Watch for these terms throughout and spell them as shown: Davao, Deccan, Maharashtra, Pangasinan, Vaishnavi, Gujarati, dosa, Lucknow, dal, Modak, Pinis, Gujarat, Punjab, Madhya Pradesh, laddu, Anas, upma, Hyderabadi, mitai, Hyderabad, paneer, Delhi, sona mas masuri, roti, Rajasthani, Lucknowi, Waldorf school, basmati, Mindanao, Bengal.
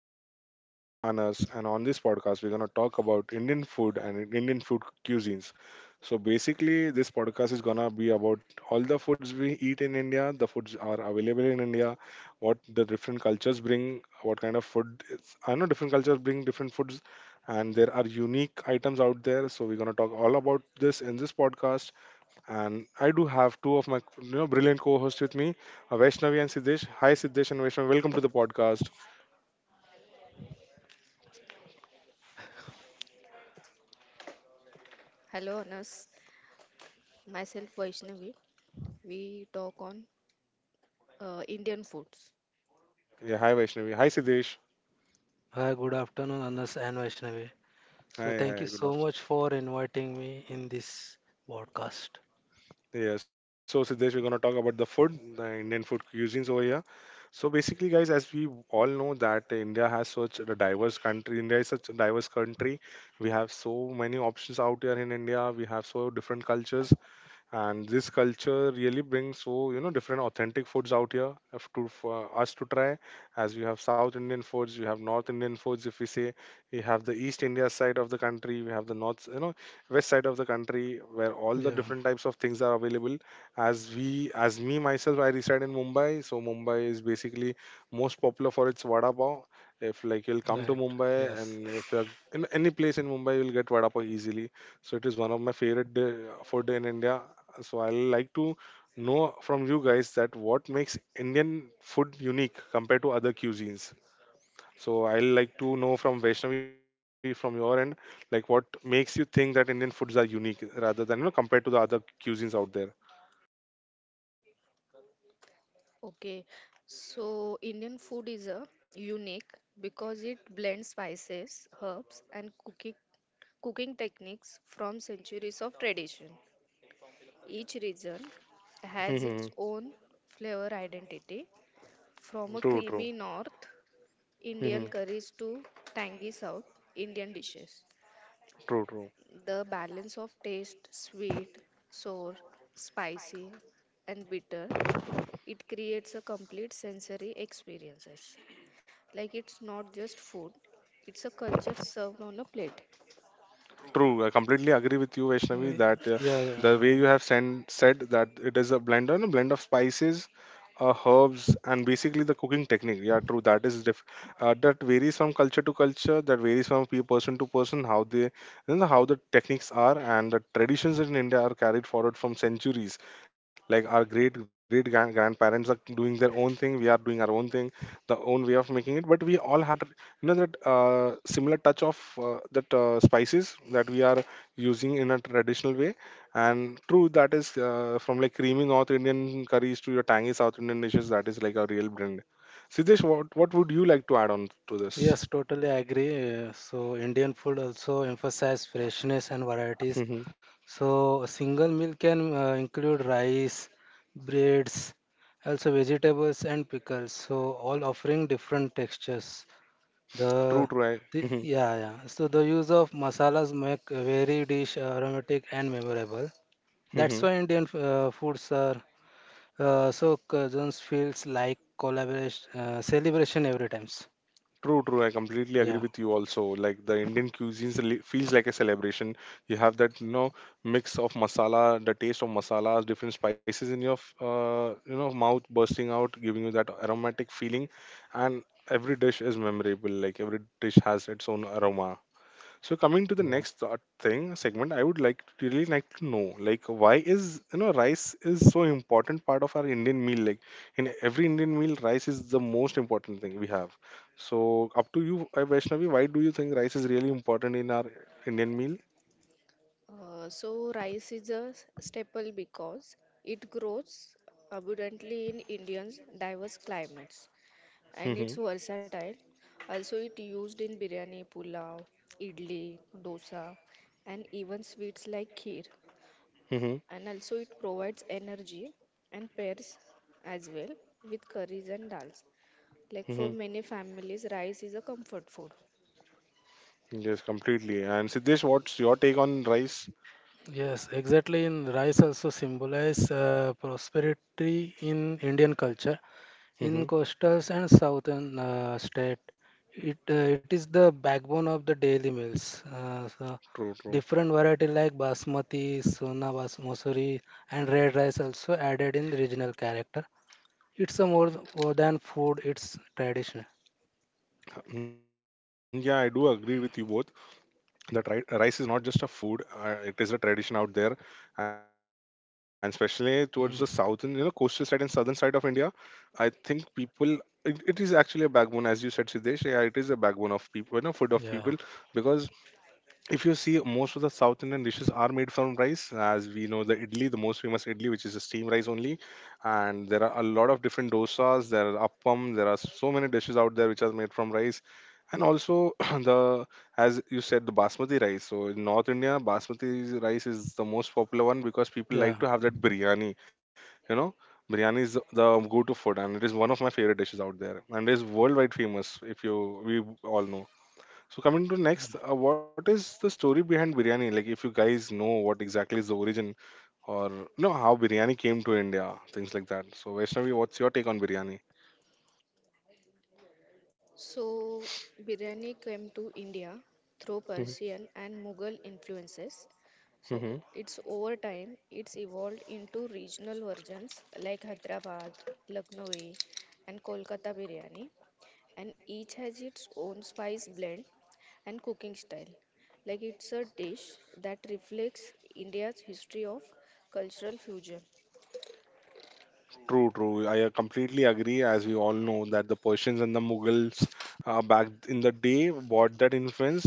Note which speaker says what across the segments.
Speaker 1: podcast. I'm your host, Anas, and on this podcast, we're going to talk about Indian food and Indian food cuisines. So, basically, this podcast is going to be about all the foods we eat in India, the foods are available in India, what the different cultures bring, what kind of food. It's, I know different cultures bring different foods, and there are unique items out there. So, we're going to talk all about this in this podcast. And I do have two of my brilliant co-hosts with me, Vaishnavi and Siddesh. Hi Siddesh and Vaishnavi, welcome to the podcast.
Speaker 2: Hello, Anas. Myself Vaishnavi. We talk on Indian foods.
Speaker 1: Yeah, hi Vaishnavi. Hi Siddesh.
Speaker 3: Hi, good afternoon, Anas and Vaishnavi. So, thank you
Speaker 1: Hi,
Speaker 3: so
Speaker 1: hi, good
Speaker 3: much
Speaker 1: afternoon.
Speaker 3: for inviting me in this podcast.
Speaker 1: Yeah, so Siddesh, we're gonna talk about the food, the Indian food cuisines over here. So basically, guys, as we all know that India has such a diverse country. India is such a diverse country. We have so many options out here in India. We have so different cultures. And this culture really brings so different authentic foods out here to for us to try, as we have south indian foods, you have north indian foods. If we say you have the east india side of the country, we have the north, you know, west side of the country where all
Speaker 3: Yeah,
Speaker 1: the different types of things are available. As me myself I reside in mumbai, so mumbai is basically most popular for its vada pav. If like you'll
Speaker 3: right.
Speaker 1: come to mumbai
Speaker 3: Yes.
Speaker 1: and if you're in any place in mumbai, you'll get vada pav easily. So it is one of my favorite food in india. So I like to know from you guys that what makes Indian food unique compared to other cuisines. So I like to know from Vaishnavi from your end, like what makes you think that Indian foods are unique rather than compared to the other cuisines out there.
Speaker 2: Okay, so Indian food is a unique because it blends spices, herbs, and cooking techniques from centuries of tradition. Each region has
Speaker 1: Mhm.
Speaker 2: its own flavor identity, from a
Speaker 1: True, true.
Speaker 2: creamy north Indian
Speaker 1: Mhm.
Speaker 2: curries to tangy south Indian dishes.
Speaker 1: True, true.
Speaker 2: The balance of taste, sweet, sour, spicy, and bitter, it creates a complete sensory experiences. Like it's not just food, it's a culture served on a plate.
Speaker 1: True, I completely agree with you, Vaishnavi,
Speaker 3: We-
Speaker 1: that
Speaker 3: Yeah,
Speaker 1: the way
Speaker 3: yeah.
Speaker 1: you have said that it is a blend, and a blend of spices, herbs, and basically the cooking technique. Yeah, true. That varies from culture to culture. That varies from person to person, how they, you know, how the techniques are and the traditions in India are carried forward from centuries. Like our great great grandparents are doing their own thing. We are doing our own thing, the own way of making it. But we all have that, you know, that similar touch of that spices that we are using in a traditional way. And true, that is from like creamy north indian curries to your tangy south indian dishes. That is like a real blend. Siddesh, what would you like to add on to this?
Speaker 3: Yes, totally agree. So, Indian food also emphasize freshness and varieties.
Speaker 1: Hmm.
Speaker 3: So, a single meal can include rice, breads, also vegetables and pickles. So, all offering different textures.
Speaker 1: true
Speaker 3: The,
Speaker 1: true I,
Speaker 3: the yeah yeah. So the use of masalas make a very dish aromatic and memorable. That's
Speaker 1: hmm.
Speaker 3: why Indian foods are so cousins feels like collaboration celebration every times.
Speaker 1: True, true. I completely agree
Speaker 3: Yeah.
Speaker 1: with you also. Like the Indian cuisine feels like a celebration. You have that, you know, mix of masala, the taste of masalas, different spices in your, you know, mouth bursting out, giving you that aromatic feeling. And every dish is memorable. Like every dish has its own aroma. So coming to the
Speaker 3: Yeah.
Speaker 1: next thought thing segment, I would like to really like to know, like why is, you know, rice is so important part of our Indian meal. Like in every Indian meal, rice is the most important thing we have. So up to you, Vaishnavi, why do you think rice is really important in our Indian meal?
Speaker 2: So rice is a staple because it grows abundantly in Indians' diverse climates and
Speaker 1: Mm-hmm.
Speaker 2: it's versatile. Also, it used in biryani, pulao, idli, dosa, and even sweets like kheer.
Speaker 1: Mm-hmm.
Speaker 2: And also it provides energy and pairs as well with curries and dals. Like for
Speaker 1: Mm-hmm.
Speaker 2: many families, rice is a comfort food.
Speaker 1: Yes, completely. And Siddesh, what's your take on rice?
Speaker 3: Yes, exactly. In rice also symbolize prosperity in Indian culture. In
Speaker 1: Mm-hmm.
Speaker 3: coastal and southern state, it is the backbone of the daily meals. So
Speaker 1: True,
Speaker 3: different
Speaker 1: true.
Speaker 3: variety like basmati, sona bas masuri, and red rice also added in regional character. It's more than food; it's tradition.
Speaker 1: Yeah, I do agree with you both, that rice is not just a food. It is a tradition out there, and
Speaker 3: Mm,
Speaker 1: especially towards the southern, you know, coastal side and southern side of india, I think people, it is actually a backbone, as you said, siddhesh. Yeah, it is a backbone of people, you know, food of people,
Speaker 3: yeah,
Speaker 1: because if you see, most of the south indian dishes are made from rice, as we know the idli, the most famous idli, which is a steam rice only. And there are a lot of different dosas, there are appam, there are so many dishes out there which are made from rice. And also, the, as you said, the basmati rice. So in north india, basmati rice is the most popular one, because people like
Speaker 3: yeah,
Speaker 1: to have that biryani. You know, biryani is the go-to food, and it is one of my favorite dishes out there, and it is worldwide famous, if you, we all know. So coming to next, what is the story behind biryani? Like, if you guys know what exactly is the origin, or you know how biryani came to India, things like that. So Vaishnavi, what's your take on biryani?
Speaker 2: So, biryani came to India through Persian and Mughal influences. So, it's over time, it's evolved into regional versions like Hyderabad, Lucknowi, and Kolkata biryani, and each has its own spice blend and cooking style. Like it's a dish that reflects India's history of cultural fusion.
Speaker 1: True, true. I completely agree. As we all know, that the Persians and the Mughals, back in the day brought that influence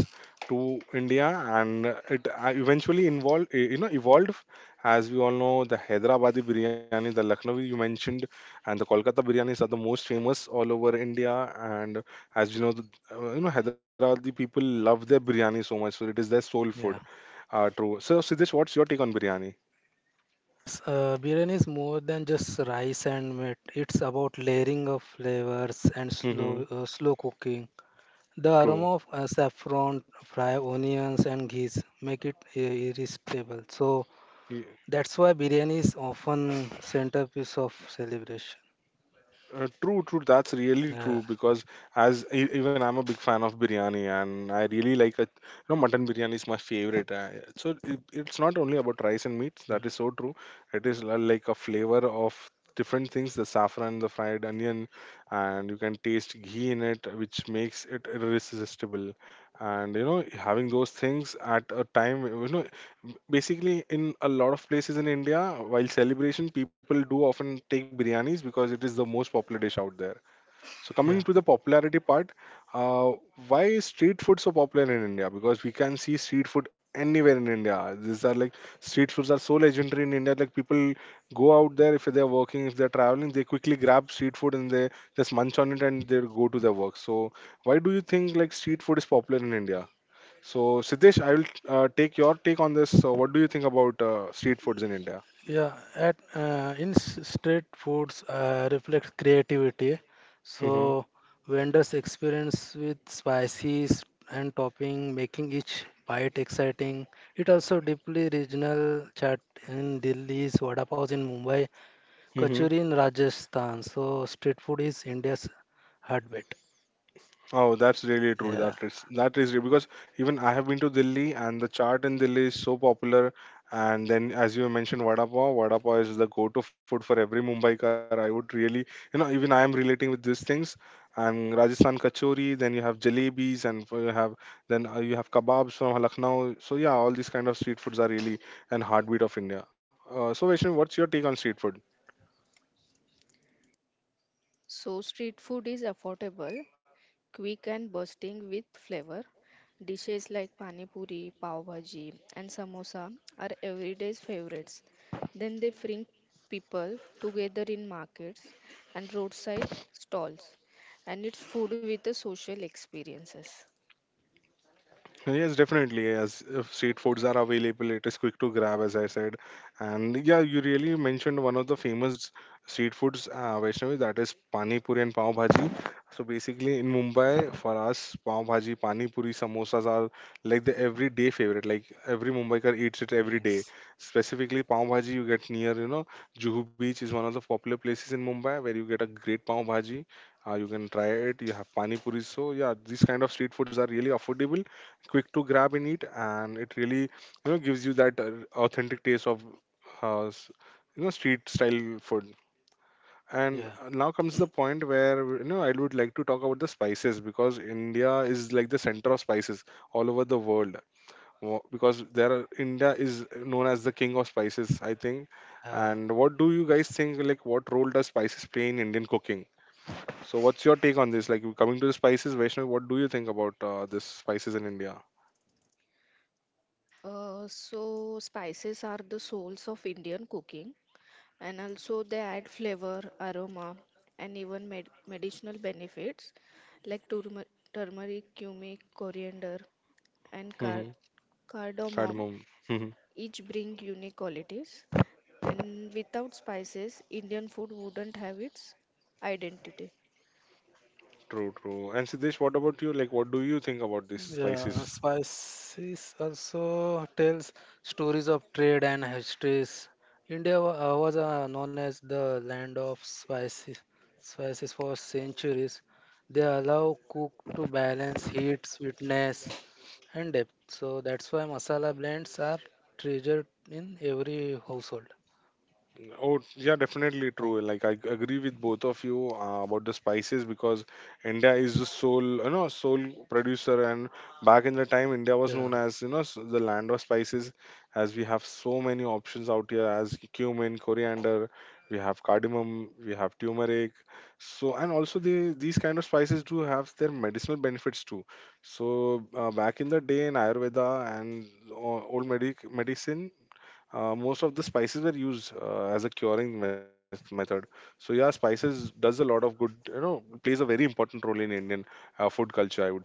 Speaker 1: to India, and it eventually involved, eh, you know, evolved. As we all know, the Hyderabadi biryani, the Lucknowi you mentioned, and the Kolkata biryanis are the most famous all over India. And as you know, the, Hyderabadi people love their biryani so much, so it is their soul
Speaker 3: yeah.
Speaker 1: food. True. So, Siddesh, what's your take on biryani?
Speaker 3: Yes, biryani is more than just rice and meat. It's about layering of flavors and slow,
Speaker 1: Mm-hmm.
Speaker 3: uh, slow cooking. The aroma
Speaker 1: True.
Speaker 3: of saffron, fried onions, and ghee make it irresistible. So that's why biryani is often centerpiece of celebration.
Speaker 1: True, true. That's really
Speaker 3: Yeah,
Speaker 1: true, because even I'm a big fan of biryani and I really like it. You know, mutton biryani is my favorite. It's not only about rice and meats. That is so true. It is like a flavor of different things, the saffron, the fried onion, and you can taste ghee in it, which makes it irresistible. And you know, having those things at a time, you know, basically in a lot of places in india, while celebration, people do often take biryanis, because it is the most popular dish out there. So coming
Speaker 3: yeah,
Speaker 1: to the popularity part, uh, why is street food so popular in india? Because we can see street food anywhere in india. These are like, street foods are so legendary in india. Like people go out there, if they're working, if they're traveling, they quickly grab street food and they just munch on it and they go to their work. So why do you think, like, street food is popular in india? So, Siddesh, I will take your take on this. What do you think about street foods in India?
Speaker 3: yeah. At in s- street foods reflect creativity,
Speaker 1: Mm-hmm.
Speaker 3: so vendors experience with spices and topping, making each bite exciting. It also deeply regional chat in Delhi's vada pav, in Mumbai, Kachori in Rajasthan. So street food is India's heartbeat.
Speaker 1: Oh, that's really true.
Speaker 3: Yeah.
Speaker 1: That is real, because even I have been to Delhi and the chaat in Delhi is so popular. And then, as you mentioned, vada pav. Vada pav is the go-to food for every Mumbaikar. I would really, you know, even I am relating with these things. And Rajasthan kachori. Then you have jalebis, and you have then you have kebabs from Lucknow. So yeah, all these kind of street foods are really an heartbeat of India. So Vaishnav, what's your take on street food?
Speaker 2: So street food is affordable, quick and bursting with flavor. Dishes like pani puri, pav bhaji, and samosa are everyday's favorites. Then they bring people together in markets and roadside stalls, and it's food with the social experiences.
Speaker 1: Yes, definitely. As if street foods are available, it is quick to grab, as I said. And yeah, you really mentioned one of the famous street foods, Vaishnavi, that is pani puri and pav bhaji. So basically, in Mumbai, for us, pav bhaji, pani puri, samosas are like the everyday favorite. Like every Mumbaikar eats it every day.
Speaker 3: Yes.
Speaker 1: Specifically, pav bhaji you get near, you know, Juhu Beach is one of the popular places in Mumbai where you get a great pav bhaji. You can try it. You have pani puri. So yeah, these kind of street foods are really affordable, quick to grab and eat, and it really, you know, gives you that authentic taste of uh, s- you know, street style food. And
Speaker 3: Yeah.
Speaker 1: now comes the point where, you know, I would like to talk about the spices, because india is like the center of spices all over the world. Because there are, india is known as the king of spices, I think.
Speaker 3: Uh,
Speaker 1: And what do you guys think, like what role does spices play in indian cooking? So what's your take on this? Like coming to the spices, vaishnav, what do you think about this spices in india?
Speaker 2: So spices are the souls of Indian cooking. And also they add flavor, aroma, and even medicinal benefits like turmeric, cumin, coriander, and cardamom.
Speaker 1: Cardamom.
Speaker 2: Each bring unique qualities, and without spices, Indian food wouldn't have its identity.
Speaker 1: True, true. And Siddesh, what about you? Like, what do you think about these
Speaker 3: yeah.
Speaker 1: spices?
Speaker 3: Spices also tells stories of trade and histories. India was known as the land of spices, spices for centuries. They allow cook to balance heat, sweetness, and depth. So that's why masala blends are treasured in every household.
Speaker 1: Oh, yeah, definitely
Speaker 3: Yeah.
Speaker 1: true. Like I agree with both of you about the spices, because India is the sole, you know, sole producer. And back in the time, India was known
Speaker 3: Yeah,
Speaker 1: as, you know, the land of spices, as we have so many options out here, as cumin, coriander, we have cardamom, we have turmeric. So, and also the these kind of spices do have their medicinal benefits too. So, back in the day in Ayurveda and o- old medic medicine, most of the spices were used as a method. So yeah, spices does a lot of good, you know, plays a very important role in Indian food culture, I would say.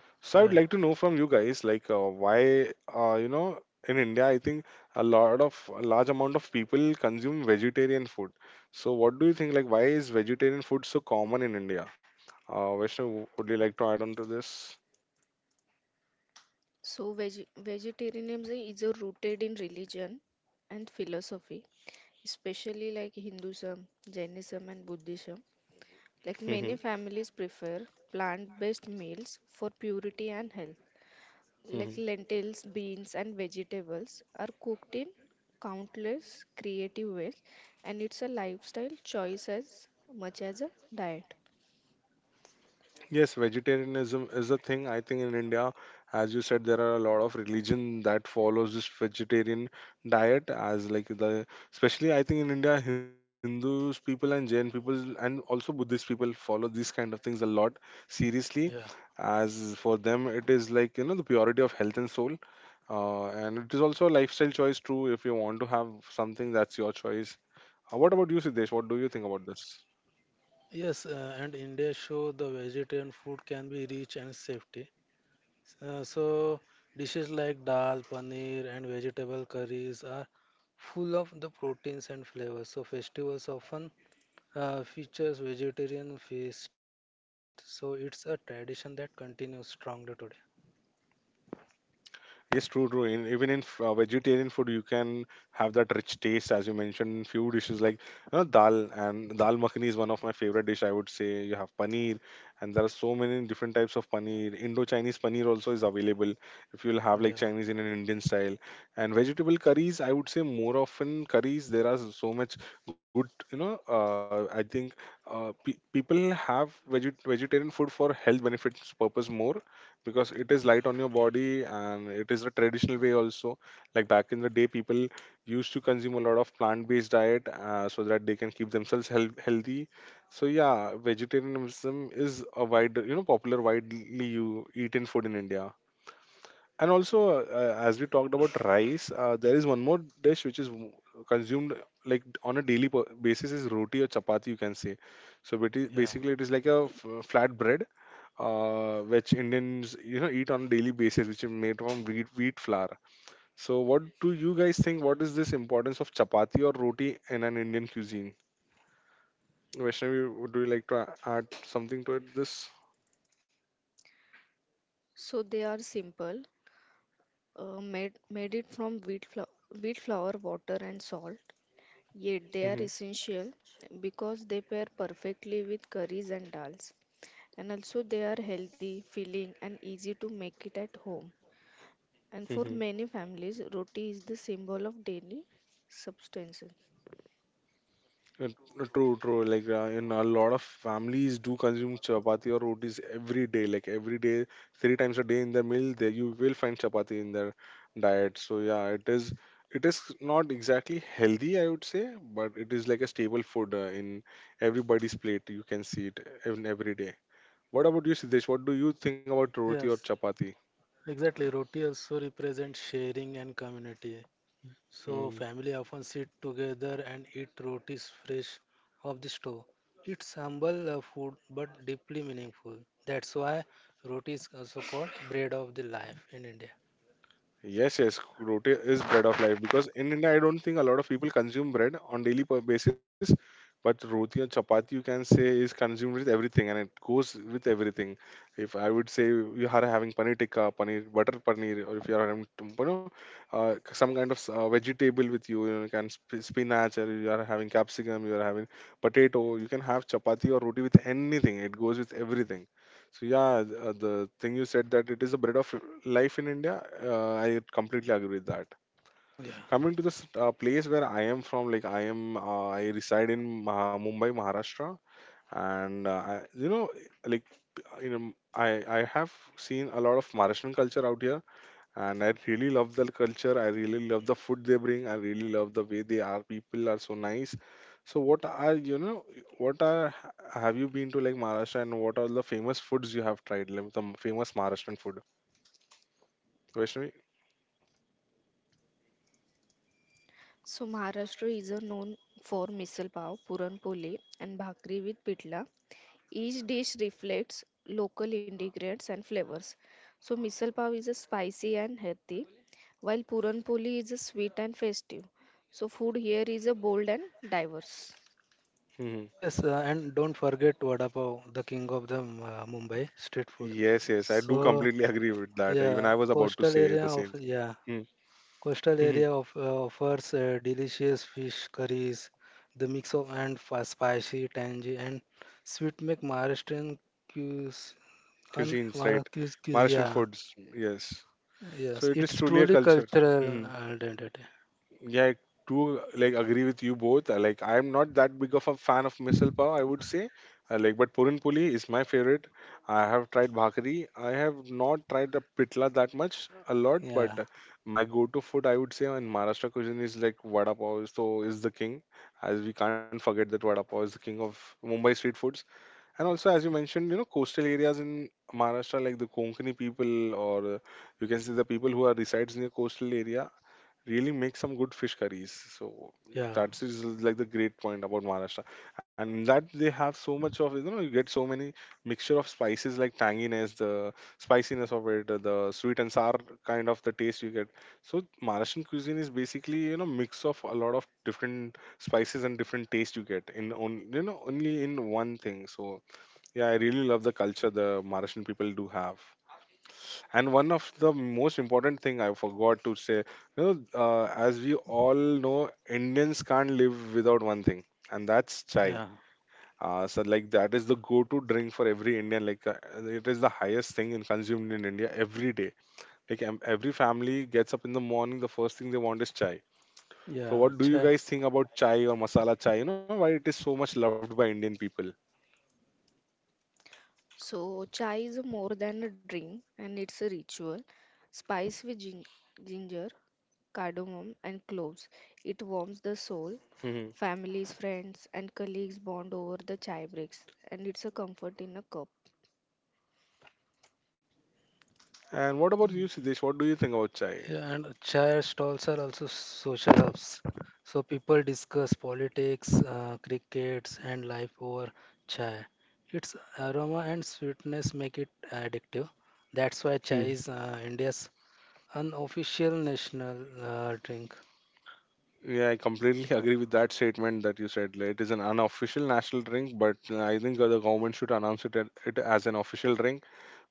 Speaker 1: So I
Speaker 3: right,
Speaker 1: would like
Speaker 3: right.
Speaker 1: to know from you guys, like, why, uh, you know in India, I think a large amount of people consume vegetarian food. So what do you think, like why is vegetarian food so common in India? Vishnu, would you like to add on to this?
Speaker 2: So, vegetarianism is rooted in religion and philosophy, especially like Hinduism, Jainism, and Buddhism. Like
Speaker 1: Mm-hmm.
Speaker 2: many families prefer plant-based meals for purity and health. Like lentils, beans, and vegetables are cooked in countless creative ways, and it's a lifestyle choice as much as a diet.
Speaker 1: Yes, vegetarianism is a thing. I think in India, as you said, there are a lot of religion that follows this vegetarian diet as like the, especially I think in India, Hindus people and Jain people and also Buddhist people follow these kind of things a lot seriously.
Speaker 3: Yeah.
Speaker 1: As for them, it is like, you know, the purity of health and soul, and it is also a lifestyle choice too. If you want to have something, that's your choice. What about you, Siddesh? What do you think about this?
Speaker 3: Yes, and India show the vegetarian food can be rich and safety. So dishes like dal, paneer, and vegetable curries are full of the proteins and flavors. So festivals often features vegetarian feast. So it's a tradition that continues strongly today.
Speaker 1: Yes, true, true. In, even in vegetarian food, you can have that rich taste, as you mentioned. Few dishes like, you know, dal and dal makhani is one of my favorite dish. I would say you have paneer, and there are so many different types of paneer. Indo-Chinese paneer also is available if you'll have like
Speaker 3: Yeah,
Speaker 1: Chinese in an Indian style. And vegetable curries, I would say more often curries. There are so much good, you know. I think, people have vegetarian food for health benefits purpose more because it is light on your body and it is a traditional way also, like back in the day people used to consume a lot of plant-based diet, so that they can keep healthy. So yeah, vegetarianism is a wide, you know, popular widely you eaten food in India. And also, as we talked about rice, there is one more dish which is consumed like on a daily basis, is roti or chapati, you can say. So it is
Speaker 3: yeah,
Speaker 1: basically, it is like a flat bread, which Indians, you know, eat on a daily basis, which is made from wheat flour. So what do you guys think? What is this importance of chapati or roti in an Indian cuisine? Vaishnavi, would you like to add something to it? This.
Speaker 2: So they are simple, made it from wheat flour, water, and salt. Yet they are
Speaker 1: Hmm.
Speaker 2: essential because they pair perfectly with curries and dals, and also they are healthy, filling, and easy to make it at home. And for many families, roti is the symbol of daily substance.
Speaker 1: Uh, true, true. Like, in a lot of families do consume chapati or rotis every day. Like every day, three times a day in the meal, they, you will find chapati in their diet. So yeah, it is. It is not exactly healthy, I would say, but it is like a staple food in everybody's plate. You can see it in every day. What about you, Siddesh? What do you think about roti or
Speaker 3: yes,
Speaker 1: chapati?
Speaker 3: exactly. Roti also represents sharing and community. So
Speaker 1: Hmm.
Speaker 3: family often sit together and eat rotis fresh off the stove. It's humble food but deeply meaningful. That's why roti is also called bread of the life in India.
Speaker 1: Yes, yes, roti is bread of life because in India, I don't think a lot of people consume bread on daily basis, but roti and chapati, you can say, is consumed with everything and it goes with everything. If I would say you are having paneer tikka, paneer butter paneer, or if you are having, you know, some kind of vegetable with you, you know, you can spinach, or you are having capsicum, you are having potato, you can have chapati or roti with anything. It goes with everything. So yeah, the thing you said, that it is a bread of life in India, I completely agree with that.
Speaker 3: Yeah.
Speaker 1: Coming to this place where I am from, like I am, I reside in Mumbai, Maharashtra, and I, you know, like in I have seen a lot of Maharashtrian culture out here and I really love the culture. I really love the food they bring. I really love the way they are. People are so nice. So what are, you know? What are, have you been to like Maharashtra, and what are the famous foods you have tried? Like the famous Maharashtrian food, Vaishnavi.
Speaker 2: So Maharashtra is a known for misal pav, puran poli, and bhakri with pitla. Each dish reflects local ingredients and flavors. So misal pav is a spicy and healthy, while puran poli is a sweet and festive. So food here is a bold and diverse.
Speaker 1: Hmm.
Speaker 3: Yes, and don't forget vada pav, the king of the Mumbai street food.
Speaker 1: Yes, yes, I do
Speaker 3: So
Speaker 1: completely agree with that. Even I
Speaker 3: yeah,
Speaker 1: was about to
Speaker 3: coastal
Speaker 1: say
Speaker 3: area
Speaker 1: the
Speaker 3: of,
Speaker 1: same thing.
Speaker 3: yeah.
Speaker 1: Mm.
Speaker 3: Coastal
Speaker 1: Mhm.
Speaker 3: area of, offers delicious fish curries. The mix of spicy, tangy, and sweet make Maharashtrian cuis-
Speaker 1: Cuisines, right? Maharashtrian
Speaker 3: Yeah,
Speaker 1: foods, yes. So
Speaker 3: yes,
Speaker 1: it is
Speaker 3: it's
Speaker 1: truly a
Speaker 3: truly
Speaker 1: culture.
Speaker 3: cultural identity.
Speaker 1: Yeah, I do like agree with you both. Like I'm not that big of a fan of misal pav, I would say. Like, but purin puli is my favorite. I have tried bhakri. I have not tried the pitla that much, a lot, but
Speaker 3: Yeah,
Speaker 1: my go-to food, I would say, in Maharashtra cuisine is like vada pav. So is the king, as we can't forget that vada pav is the king of Mumbai street foods. And also, as you mentioned, you know, coastal areas in Maharashtra, like the Konkani people, or you can see the people who are resides in the coastal area, really make some good fish curries. So
Speaker 3: yeah,
Speaker 1: that is like the great point about Maharashtra, and that they have so much of, you know, you get so many mixture of spices, like tanginess, the spiciness of it, the sweet and sour kind of the taste you get. So Maharashtrian cuisine is basically, you know, mix of a lot of different spices and different taste you get in on, you know, only in one thing. So yeah, I really love the culture the Maharashtrian people do have, and one of the most important thing I forgot to say, you know, as we all know, Indians can't live without one thing, and that's chai.
Speaker 3: yeah,
Speaker 1: So like that is the go-to drink for every Indian. Like, it is the highest thing in consumed in India every day. Like every family gets up in the morning, the first thing they want is chai. So
Speaker 3: yeah.
Speaker 1: what do you guys think about chai or masala chai, you know, why it is so much loved by Indian people?
Speaker 2: So, chai is more than a drink and it's a ritual. Spice with ginger, cardamom, and cloves. It warms the soul.
Speaker 1: Hmm.
Speaker 2: Families, friends, and colleagues bond over the chai breaks, and it's a comfort in a cup.
Speaker 1: And what about you, Sidesh? What do you think about chai?
Speaker 3: Yeah, and chair stalls are also social hubs. So people discuss politics, crickets, and life over chai. Its aroma and sweetness make it addictive. That's why chai is India's unofficial national drink.
Speaker 1: Yeah, I completely agree with that statement that you said. Like, it is an unofficial national drink, but I think the government should announce it, it as an official drink,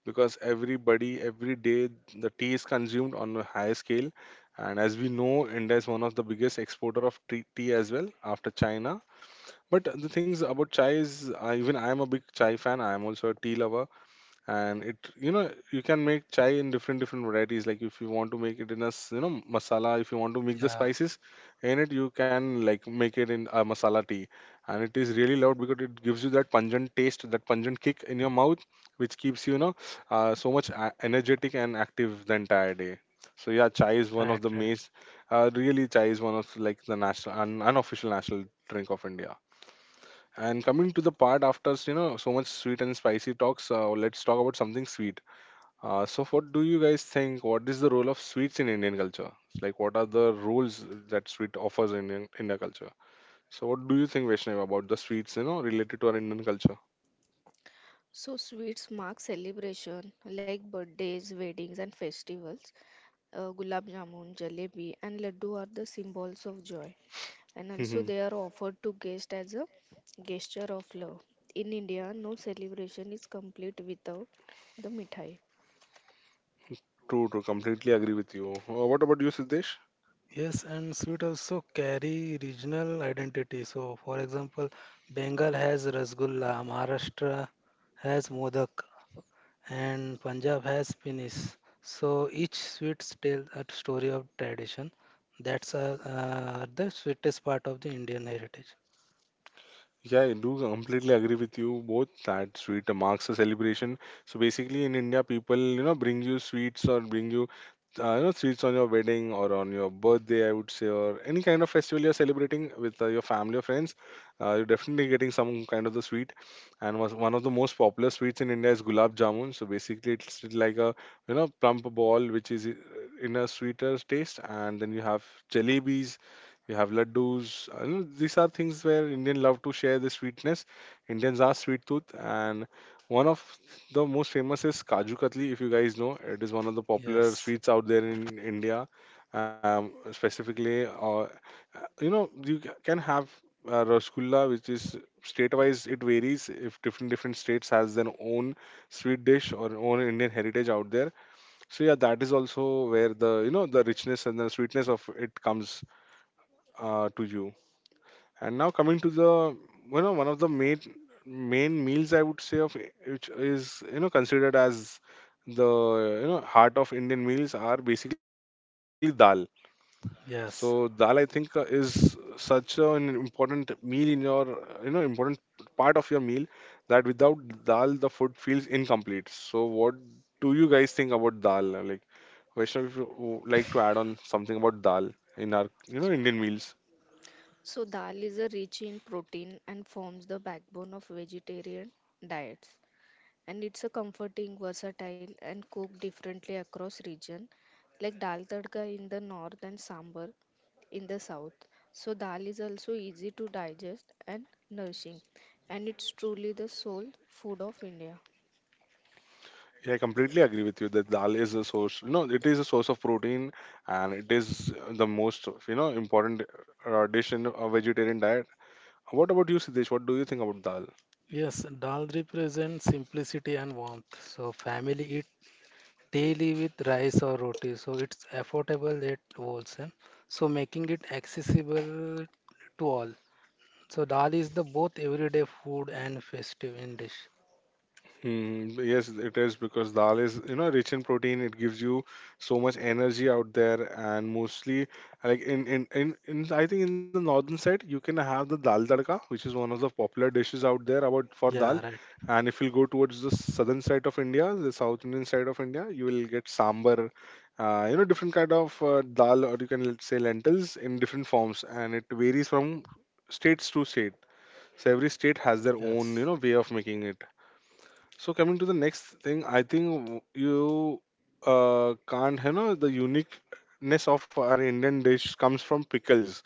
Speaker 1: because everybody, every day, the tea is consumed on a high scale. And as we know, India is one of the biggest exporter of tea, tea as well after China. But the things about chai is, even I am a big chai fan. I am also a tea lover, and it, you know, you can make chai in different varieties. Like if you want to make it in a you know masala, if you want to mix the
Speaker 3: Yeah,
Speaker 1: spices in it, you can, like, make it in a masala tea. And it is really loved because it gives you that pungent taste, that pungent kick in your mouth, which keeps you, you know, so much energetic and active the entire day. So yeah, chai is one
Speaker 3: right,
Speaker 1: of the
Speaker 3: right.
Speaker 1: main, really chai is one of like the national unofficial national drink of India. And coming to the part after, you know, so much sweet and spicy talks, let's talk about something sweet. So what do you guys think? What is the role of sweets in Indian culture? Like, what are the roles that sweet offers in Indian, Indian culture? So what do you think, Vaishnav, about the sweets? You know, related to our Indian culture.
Speaker 2: So, sweets mark celebration like birthdays, weddings, and festivals. Gulab jamun, jalebi, and laddu are the symbols of joy. And also
Speaker 1: True,
Speaker 2: they are offered to guests as a gesture of love. In India, no celebration is complete without the mithai.
Speaker 1: true. Completely agree with you. What about you, Siddesh?
Speaker 3: Yes, and sweet also carry regional identity. So, for example, Bengal has Rasgulla, Maharashtra has Modak, and Punjab has Pinis. So each sweets tell a story of tradition. That's the sweetest part of the Indian heritage.
Speaker 1: Yeah, I do completely agree with you both that sweet marks a celebration. So basically, in India, people, you know, bring you sweets or bring you, you know, sweets on your wedding or on your birthday, I would say, or any kind of festival you're celebrating with your family or friends. You're definitely getting some kind of the sweet. And was one of the most popular sweets in India is gulab jamun. So basically, it's like a, you know, plump ball which is, in a sweeter taste, and then you have jalebis, we have laddus. And these are things where Indian love to share the sweetness. Indians are sweet tooth, and one of the most famous is kaju katli. If you guys know, it is one of the popular
Speaker 3: Yes,
Speaker 1: sweets out there in India. Specifically, you know, you can have rasgulla, which is state-wise it varies. If different states has their own sweet dish or own Indian heritage out there. So yeah, that is also where the, you know, the richness and the sweetness of it comes to you. And now coming to the one of the main meals I would say which is considered as the heart of Indian meals are basically dal. So dal I
Speaker 3: yes,
Speaker 1: think is such an important meal in your important part of your meal that without dal the food feels incomplete. So what do you guys think about dal? Like Vaishnav, if you would like to add on something about dal in our Indian meals.
Speaker 2: So dal is a rich in protein and forms the backbone of vegetarian diets. And it's a comforting, versatile, and cooked differently across region, like dal tadka in the north and sambar in the south. So dal is also easy to digest and nourishing, and it's truly the soul food of India.
Speaker 1: Yeah, I completely agree with you that dal is a source. It is a source of protein, and it is the most important dish in a vegetarian diet. What about you, Siddesh? What do you think about dal?
Speaker 3: yes. Dal represents simplicity and warmth. So family eat daily with rice or roti. So it's affordable yet wholesome, so making it accessible to all. So dal is the both everyday food and festive in dish.
Speaker 1: Mm, yes, it is because dal is, rich in protein. It gives you so much energy out there, and mostly, like in I think in the northern side, you can have the dal tadka, which is one of the popular dishes out there about for dal.
Speaker 3: Yeah, right.
Speaker 1: And if you go towards the southern side of India, the South Indian side of India, you will get sambar, different kind of dal, or you can let's say lentils in different forms, and it varies from states to state. So every state has their own,
Speaker 3: Yes,
Speaker 1: way of making it. So coming to the next thing, I think you can't, the uniqueness of our Indian dish comes from pickles.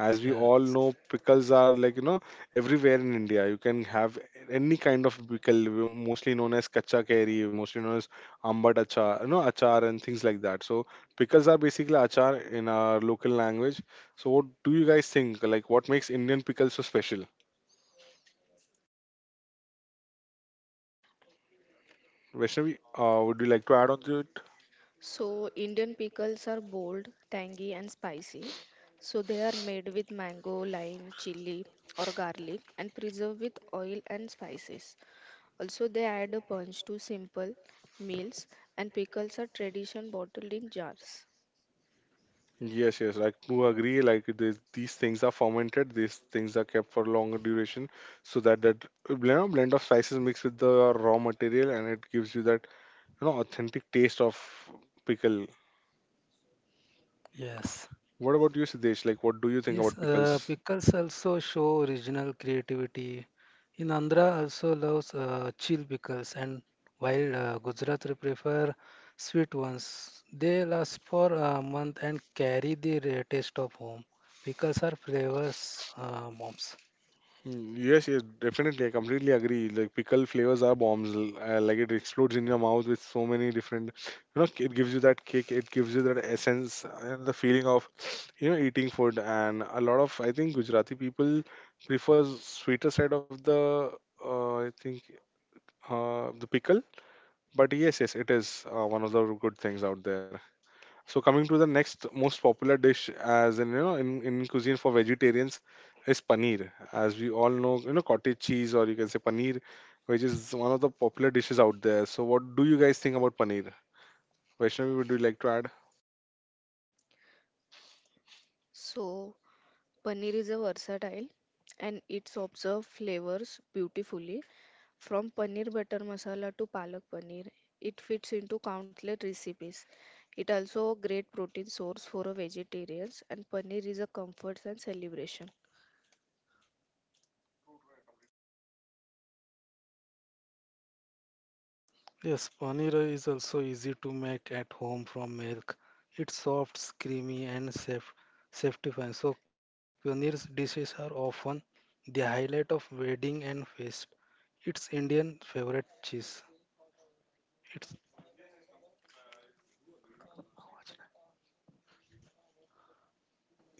Speaker 1: As we all
Speaker 3: yes,
Speaker 1: know, pickles are like, everywhere in India. You can have any kind of pickle, mostly known as kacha kari, mostly known as ambat achar, achar and things like that. So pickles are basically achar in our local language. So what do you guys think? Like, what makes Indian pickles so special? Vaishnavi, would you like to add on to it?
Speaker 2: So, Indian pickles are bold, tangy, and spicy. So, they are made with mango, lime, chili, or garlic and preserved with oil and spices. Also, they add a punch to simple meals, and pickles are tradition bottled in jars.
Speaker 1: Yes, yes, like to agree, like this, these things are fermented, these things are kept for longer duration, so that that blend of spices mixed with the raw material and it gives you that authentic taste of pickle.
Speaker 3: yes.
Speaker 1: What about you, Siddesh? Like, what do you think
Speaker 3: Yes,
Speaker 1: about pickles?
Speaker 3: pickles also show regional creativity. In Andhra also loves chill pickles, and while Gujarat will prefer sweet ones, they last for a month and carry the taste of home. Pickles are flavors bombs.
Speaker 1: Mm, yes, yes, definitely. I completely agree. Like pickle flavors are bombs. Like it explodes in your mouth with so many different. It gives you that kick. It gives you that essence and the feeling of, eating food. And a lot of I think Gujarati people prefers sweeter side of the. I think the pickle. But yes, yes, it is one of the good things out there. So coming to the next most popular dish, as in in cuisine for vegetarians, is paneer. As we all know, cottage cheese or you can say paneer, which is one of the popular dishes out there. So what do you guys think about paneer? Vaishnavi, would you like to add?
Speaker 2: So, Paneer is a versatile and it's observes flavors beautifully. From paneer butter masala to palak paneer, it fits into countless recipes. It also a great protein source for a vegetarians, and paneer is a comfort and celebration.
Speaker 3: Yes, paneer is also easy to make at home from milk. It's soft, creamy, and safety fine. So, paneer dishes are often the highlight of wedding and feast. It's Indian favorite cheese. It's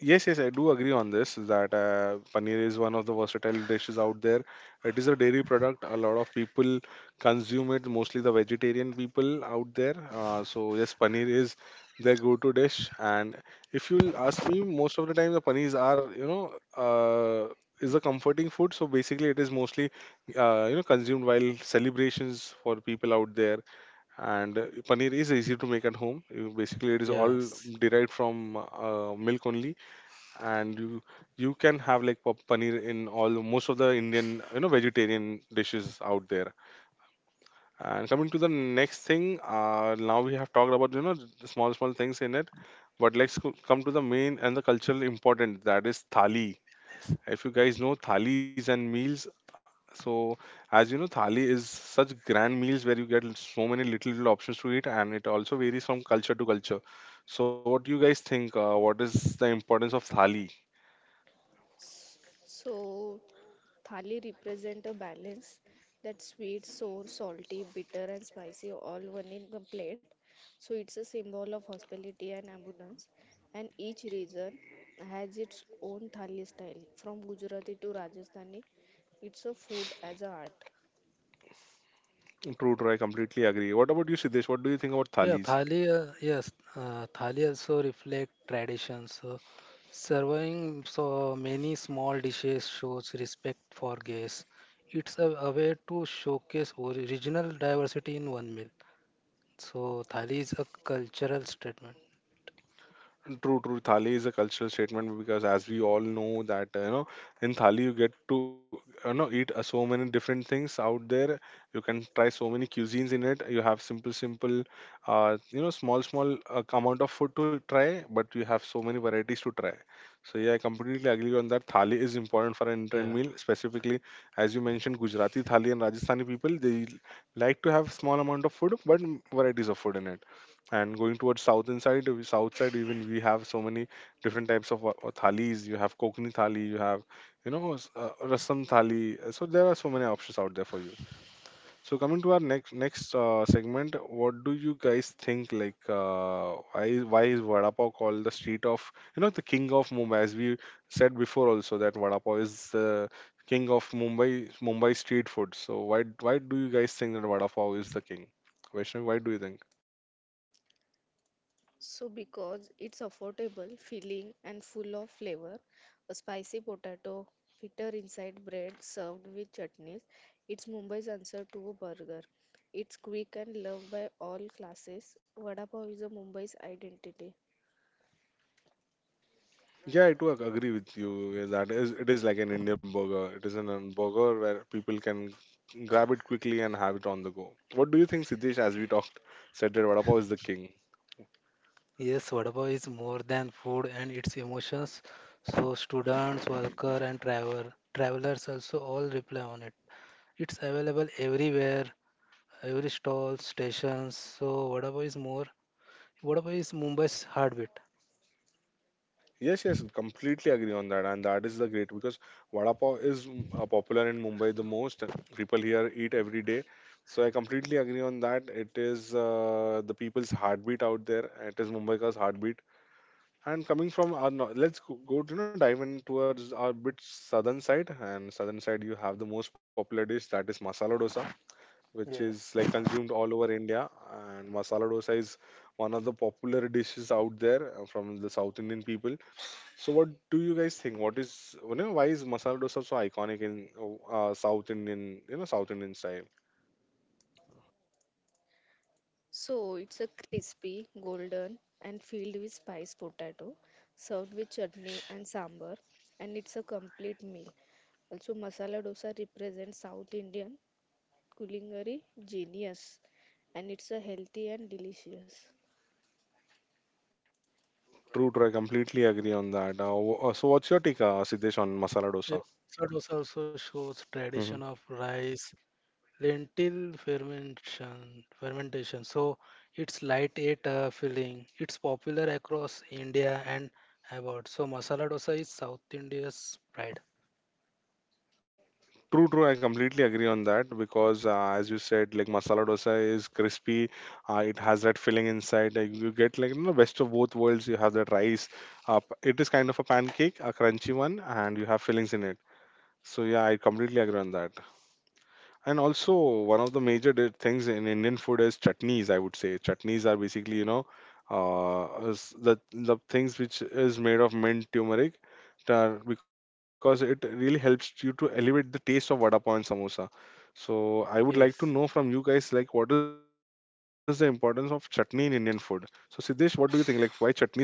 Speaker 1: Yes, yes, I do agree on this that paneer is one of the versatile dishes out there. It is a dairy product. A lot of people consume it, mostly the vegetarian people out there. So yes, paneer is their go-to dish. And if you'll ask me, most of the time the paneers are, is a comforting food. So basically, it is mostly, consumed while celebrations for people out there. And paneer is easy to make at home. Basically, it is all
Speaker 3: yes,
Speaker 1: derived from milk only and you can have like paneer in all most of the Indian vegetarian dishes out there. And coming to the next thing, now we have talked about the small small things in it, but let's come to the main and the cultural important that is thali. If you guys know thalis and meals, so as you know, thali is such grand meals where you get so many little little options to eat, and it also varies from culture to culture. So, what do you guys think? What is the importance of thali?
Speaker 2: So, thali represent a balance that sweet, sour, salty, bitter, and spicy all one in the plate. So, it's a symbol of hospitality and abundance. And each region has its own thali style from Gujarati to Rajasthani. It's a food as a art.
Speaker 1: True, true. I completely agree. What about you, Siddesh? What do you think about
Speaker 3: yeah.
Speaker 1: thalis?
Speaker 3: Thali, yes, thali also reflect tradition. So, serving so many small dishes shows respect for guests. It's a way to showcase original diversity in one meal. So thali is a cultural statement.
Speaker 1: True, true. Thali is a cultural statement because, as we all know, that in thali you get to eat so many different things out there. You can try so many cuisines in it. You have simple, simple, small, small amount of food to try, but you have so many varieties to try. So yeah, I completely agree on that. Thali is important for an Indian
Speaker 3: Yeah.
Speaker 1: meal, specifically as you mentioned, Gujarati thali and Rajasthani people they like to have small amount of food, but varieties of food in it, and going towards south inside south side even we have so many different types of thalis. You have kokni thali, you have rasam thali. So there are so many options out there for you. So coming to our next segment, what do you guys think, like, why is vada pav called the street of the king of Mumbai? As we said before also that vada pav is the king of Mumbai, Mumbai street food. So why do you guys think that vada pav is the king? Vaishnavi, why do you think?
Speaker 2: So, because it's affordable, filling, and full of flavor, a spicy potato, bitter inside bread served with chutneys, it's Mumbai's answer to a burger. It's quick and loved by all classes. Vada pav is a Mumbai's identity.
Speaker 1: Yeah, I do agree with you. Yeah, that is, it is like an Indian burger. It is an burger where people can grab it quickly and have it on the go. What do you think, Siddesh? As we talked, said that vada pav is the king.
Speaker 3: Yes, Vadapa is more than food and its emotions. So students, worker and travelers also all reply on it. It's available everywhere, every stall, stations. So Vadapa is Mumbai's heartbeat.
Speaker 1: Yes, yes, completely agree on that, and that is the great because vada pav is popular in Mumbai the most. And people here eat every day, so I completely agree on that. It is the people's heartbeat out there. It is Mumbai's heartbeat. And coming from our, let's go to dive in towards our bit southern side. And southern side, you have the most popular dish that is masala dosa, which is like
Speaker 3: Yes.
Speaker 1: consumed all over India. And masala dosa is one of the popular dishes out there from the South Indian people. So, what do you guys think? What is why is masala dosa so iconic in South Indian South Indian style?
Speaker 2: So, it's a crispy, golden, and filled with spice potato, served with chutney
Speaker 3: Sh-
Speaker 2: and sambar, and it's a complete meal. Also, masala dosa represents South Indian culinary genius, and it's a healthy and delicious.
Speaker 1: True, true. I completely agree on that. So, what's your take, Siddesh, on masala
Speaker 3: yeah,
Speaker 1: dosa?
Speaker 3: Sadosa also shows tradition
Speaker 1: Mm-hmm.
Speaker 3: of rice, lentil fermentation fermentation, so it's lightweight filling. It's popular across India and abroad. So masala dosa is South India's pride.
Speaker 1: True, true. I completely agree on that because, as you said, like masala dosa is crispy. It has that filling inside. You get like best of both worlds. You have that rice. It is kind of a pancake, a crunchy one, and you have fillings in it. So yeah, I completely agree on that. And also, one of the major things in Indian food is chutneys, I would say. Chutneys are basically, is the things which is made of mint, turmeric, because it really helps you to elevate the taste of vada pav and samosa. So I would like to know
Speaker 3: Yes,
Speaker 1: from you guys, like, what is the importance of chutney in Indian food? So Siddesh, what do you think? Like, why chutneys are important for us?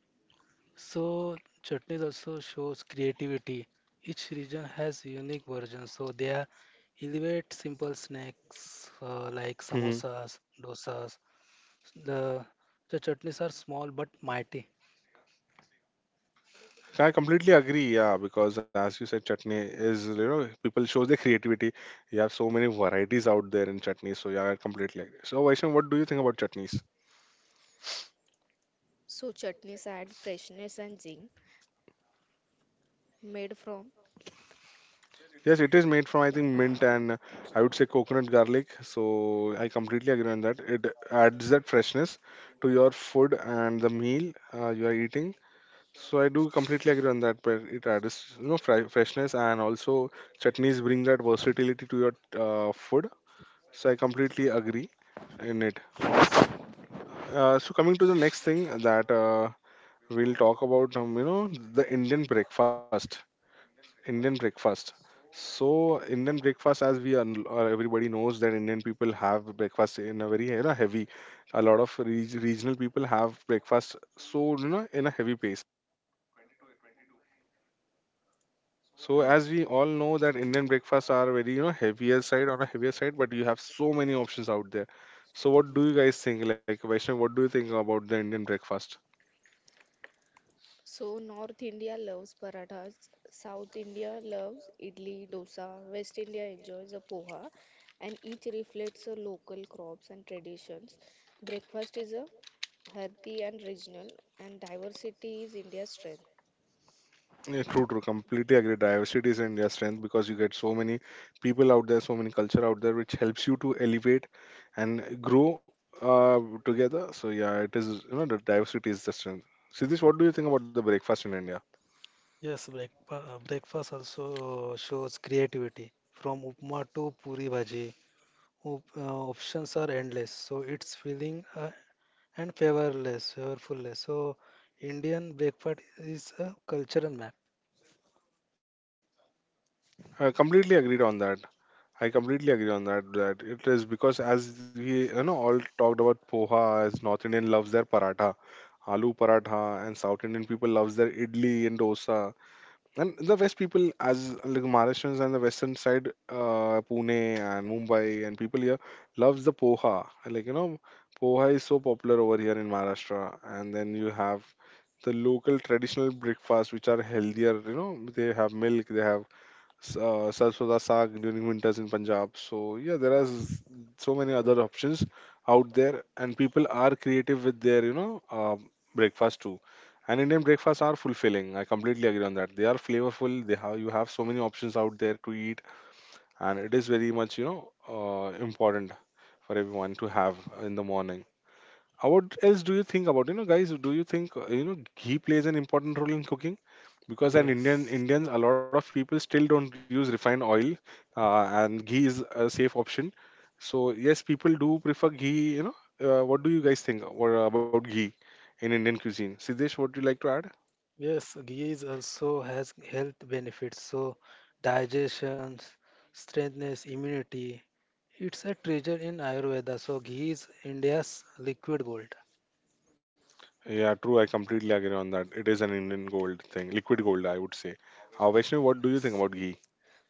Speaker 3: so chutneys also shows creativity. Each region has unique versions, so they are elevate simple snacks like samosas, dosas. The the chutneys are small but mighty.
Speaker 1: I completely agree. Yeah, because as you said, chutney is people shows their creativity. You have so many varieties out there in chutneys. So yeah, I completely agree. So Vaishnav, what do you think about chutneys?
Speaker 2: So chutneys add freshness and zing made from.
Speaker 1: Yes, it is made from I think mint and I would say coconut garlic. So I completely agree on that. It adds that freshness to your food and the meal you are eating. So I do completely agree on that. But it adds freshness and also chutneys bring that versatility to your food. So I completely agree in it.
Speaker 3: Yes.
Speaker 1: So coming to the next thing that we'll talk about, the Indian breakfast. Indian breakfast. So Indian breakfast, as we everybody knows that Indian people have breakfast in a very heavy. A lot of regional people have breakfast, so in a heavy pace. So
Speaker 2: Hmm.
Speaker 1: as we all know that Indian breakfasts are very heavier side on a heavier side, but you have so many options out there. So what do you guys think? Like Vaishnav, what do you think about the Indian breakfast?
Speaker 2: So North India loves parathas, South India loves idli, dosa, West India enjoys a poha, and each reflects the local crops and traditions. Breakfast is a hearty and regional, and diversity is India's strength.
Speaker 1: Yeah, true, true. Completely agree. Diversity is India's strength because you get so many people out there, so many culture out there, which helps you to elevate and grow uh, together. So yeah, it is. The diversity is the strength. Siddhish, what do you think about the breakfast in India?
Speaker 3: Yes, breakfast also shows creativity. From upma to puri bhaji, options are endless. So it's feeling and flavorfulless. So Indian breakfast is a cultural map.
Speaker 1: I completely agreed on that. I completely agree on that. That it is because as we all talked about poha, as North Indian loves their paratha, aloo paratha, and South Indian people loves their idli and dosa. And the West people, as like Maharashtrians and the Western side, Pune and Mumbai and people here loves the poha. Poha is so popular over here in Maharashtra. And then you have the local traditional breakfast, which are healthier. You know, they have milk, they have sarson da saag during winters in Punjab. So yeah, there are so many other options out there, and people are creative with their um breakfast too. And Indian breakfasts are fulfilling. I completely agree on that. They are flavorful. They have You have so many options out there to eat, and it is very much important for everyone to have in the morning. What else do you think about? You know, guys, do you think ghee plays an important role in cooking? Because
Speaker 3: Yes,
Speaker 1: A lot of people still don't use refined oil, and ghee is a safe option. So yes, people do prefer ghee. You know, what do you guys think about ghee in Indian cuisine? Siddesh, what do you like to add?
Speaker 3: yes, ghee is also has health benefits. So digestion, strengthness, immunity. It's a treasure in Ayurveda. So ghee is India's liquid gold.
Speaker 1: Yeah, true. I completely agree on that. It is an Indian gold thing, liquid gold, I would say. Vaishnav, what do you think
Speaker 3: Yes.
Speaker 1: about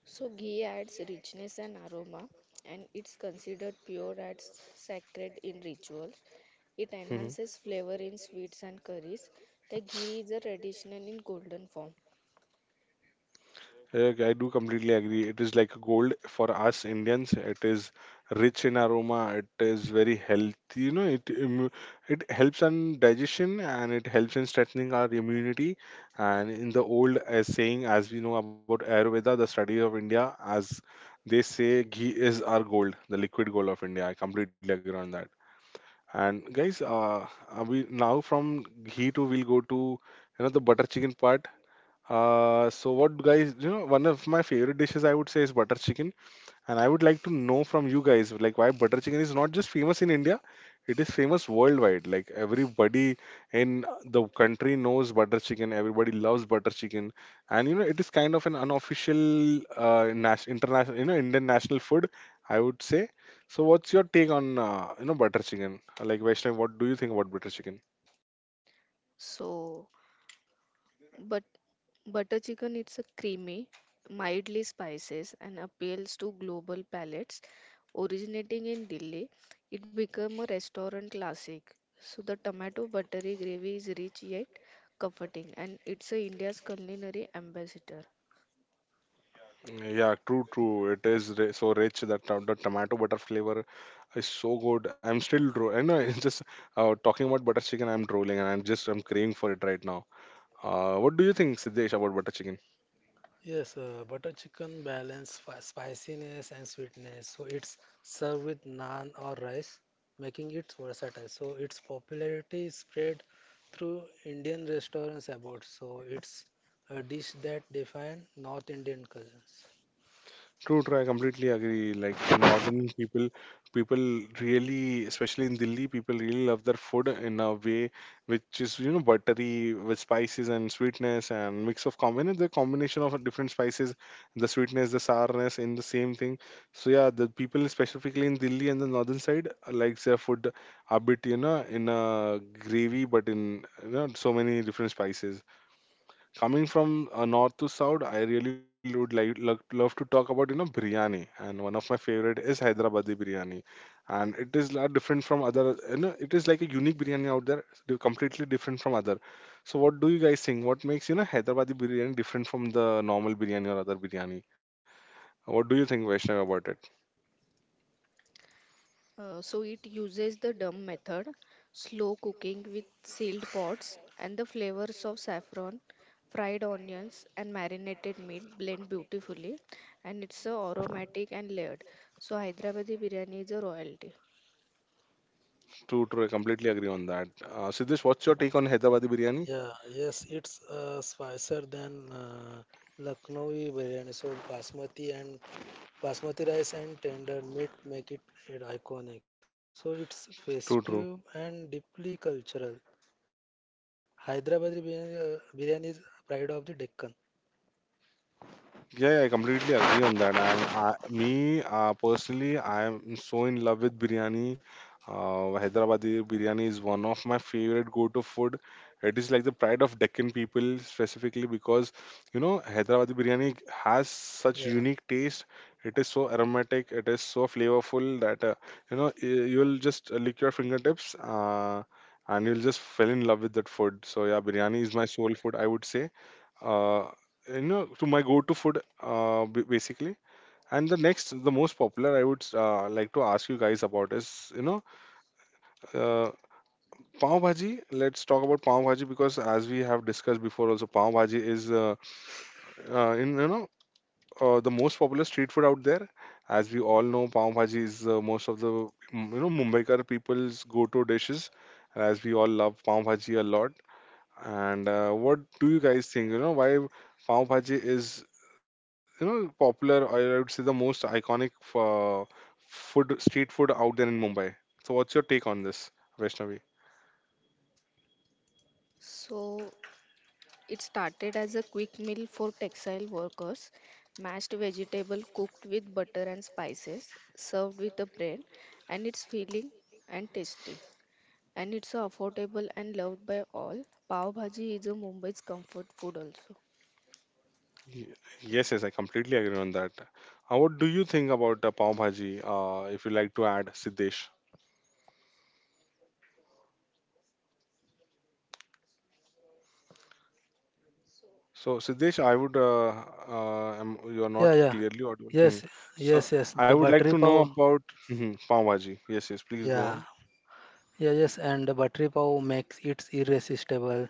Speaker 2: So ghee adds richness and aroma, and it's considered pure and sacred in rituals. It
Speaker 1: ghee?
Speaker 2: enhances flavor in sweets and curries. The ghee is a traditional in golden form.
Speaker 1: Yeah, I do completely agree. It is like gold for us Indians. It is rich in aroma. It is very healthy. You know, it helps on digestion and it helps in strengthening our immunity. And in the old saying, as we know about Ayurveda, the study of India, as they say, ghee is our gold, the liquid gold of India. I completely agree on that. And guys, we now from ghee to we'll go to the butter chicken part. So what guys, you know, one of my favorite dishes I would say is butter chicken, and I would like to know from you guys, like why butter chicken is not just famous in India, it is famous worldwide. Like everybody in the country knows butter chicken, everybody loves butter chicken, and you know, it is kind of an unofficial international, you know, Indian national food, I would say. So what's your take on butter chicken? Like Vaishnav, what do you think about butter chicken?
Speaker 2: So, but Butter chicken it's a creamy, mildly spices and appeals to global palates. Originating in Delhi, it became a restaurant classic. So the tomato buttery gravy is rich yet comforting, and it's a India's culinary ambassador.
Speaker 1: Yeah, true, true. So rich that the tomato butter flavor is so good. I know. It's just talking about butter chicken. I'm drooling and I'm craving for it right now. What do you think, Siddesh, about butter chicken?
Speaker 3: Yes, butter chicken balance spiciness and sweetness. So it's served with naan or rice, making it versatile. So its popularity is spread through Indian restaurants abroad. So it's a dish that defines North Indian cuisines.
Speaker 1: True, true. I completely agree. Like the northern people, really, especially in Delhi, people really love their food in a way which is, you know, buttery with spices and sweetness and the combination of different spices, the sweetness, the sourness in the same thing. So yeah, the people specifically in Delhi and the northern side likes their food a bit, you know, in a gravy, but in you know so many different spices coming from north to south. I really would like love to talk about you know biryani, and one of my favorite is Hyderabadi biryani, and it is lot different from other, you know, it is like a unique biryani out there. They're completely different from other. So what do you guys think? What makes you know Hyderabadi biryani different from the normal biryani or other biryani? What do you think, Vaishnav, about it?
Speaker 2: So it uses the dumb method, slow cooking with sealed pots, and the flavors of saffron, fried onions, and marinated meat blend beautifully, and it's aromatic and layered. So Hyderabadi biryani is a royalty.
Speaker 1: True, true, I completely agree on that. Siddesh, what's your take on Hyderabadi biryani?
Speaker 3: Yeah, yes, it's spicier than Lucknowi biryani. So basmati rice and tender meat make it iconic. So
Speaker 1: True, true.
Speaker 3: it's festive and deeply cultural. Hyderabadi biryani is pride of the Deccan.
Speaker 1: Yeah, yeah, I completely agree on that. And I, me personally, I am so in love with biryani. Hyderabadi biryani is one of my favorite go-to food. It is like the pride of Deccan people, specifically because you know Hyderabadi biryani has such unique
Speaker 3: Yeah.
Speaker 1: taste. It is so aromatic. It is so flavorful that you know y- you'll just lick your fingertips. And you'll just fell in love with that food. So yeah, biryani is my soul food, I would say. uh, you know, to my go-to food, basically. And the next, the most popular, I would like to ask you guys about is you know uh, pav bhaji. Let's talk about pav bhaji because as we have discussed before also, pav bhaji is in you know the most popular street food out there. As we all know, pav bhaji is most of the you know Mumbaikar people's go-to dishes, as we all love pav bhaji a lot. And what do you guys think? You know, why pav bhaji is you know popular, or I would say the most iconic food street food out there in Mumbai. So, what's your take on this, Vaishnavi?
Speaker 2: So it started as a quick meal for textile workers, mashed vegetable cooked with butter and spices, served with a bread, and it's filling and tasty. And it's affordable and loved by all. Pav Bhaji is a Mumbai's comfort food also.
Speaker 1: Y- Yes, yes, I completely agree on that. What do you think about pav bhaji? If you like to add, Siddesh. So, Siddesh, you are not
Speaker 3: Yeah, yeah.
Speaker 1: clearly audible. Hmm.
Speaker 3: Yes,
Speaker 1: So,
Speaker 3: yes, yes. The
Speaker 1: I would like
Speaker 3: buttery
Speaker 1: to know
Speaker 3: pav.
Speaker 1: about hmm, pav bhaji. Yes, yes, please go
Speaker 3: Yeah.
Speaker 1: on.
Speaker 3: Yeah, yes, and the buttery pav makes it irresistible.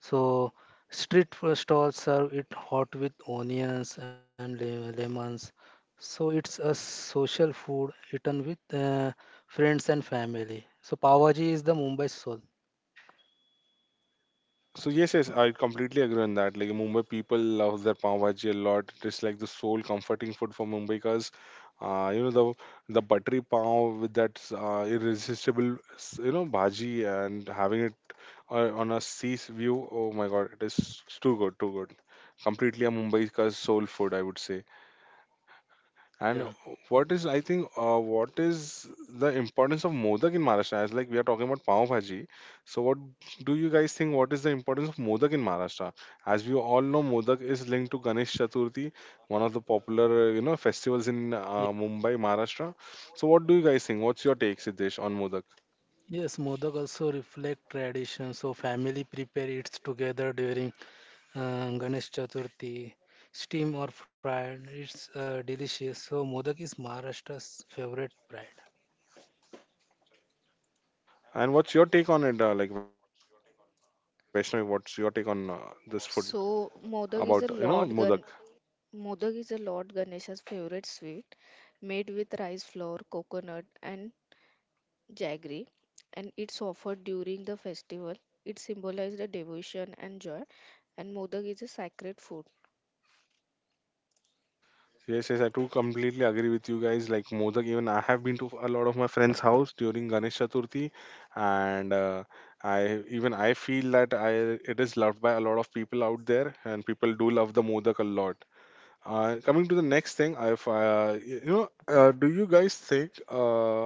Speaker 3: So street food stalls serve it hot with onions and lemons. So it's a social food eaten with friends and family. So Pavaji is the Mumbai soul.
Speaker 1: So yes, yes, I completely agree on that. Like Mumbai people love their pav bhaji a lot. It is like the sole comforting food for Mumbaikars. You know the buttery pav with that irresistible you know bhaji, and having it on a sea view. Oh my God, it is too good, too good. Completely a Mumbaikar's soul food, I would say. And
Speaker 3: Yeah.
Speaker 1: what is the importance of modak in Maharashtra? As like we are talking about pav bhaji, so what do you guys think? What is the importance of modak in Maharashtra? As we all know, modak is linked to Ganesh Chaturthi, one of the popular you know festivals in
Speaker 3: Ye-
Speaker 1: Mumbai, Maharashtra. So what do you guys think? What's your take, Siddesh, on modak?
Speaker 3: Yes, Modak also reflect tradition. So family prepare it together during Ganesh Chaturthi, steam or fried. It's delicious. So Modak is Maharashtra's favorite bread.
Speaker 1: And what's your take on it? Like Vaishnavi, what's your take on this food about you
Speaker 2: So
Speaker 1: know modak?
Speaker 2: Modak is a Lord Gan Modak is a Lord Ganesha's favorite sweet, made with rice flour, coconut, and jaggery, and it's offered during the festival. It symbolizes the devotion and joy, and Modak is a sacred food.
Speaker 1: Yes, yes, I too completely agree with you guys. Like Modak, even I have been to a lot of my friends' house during Ganesh Chaturthi, and I even I feel that I it is loved by a lot of people out there, and people do love the Modak a lot. Coming to the next thing, if y- you know, do you guys think?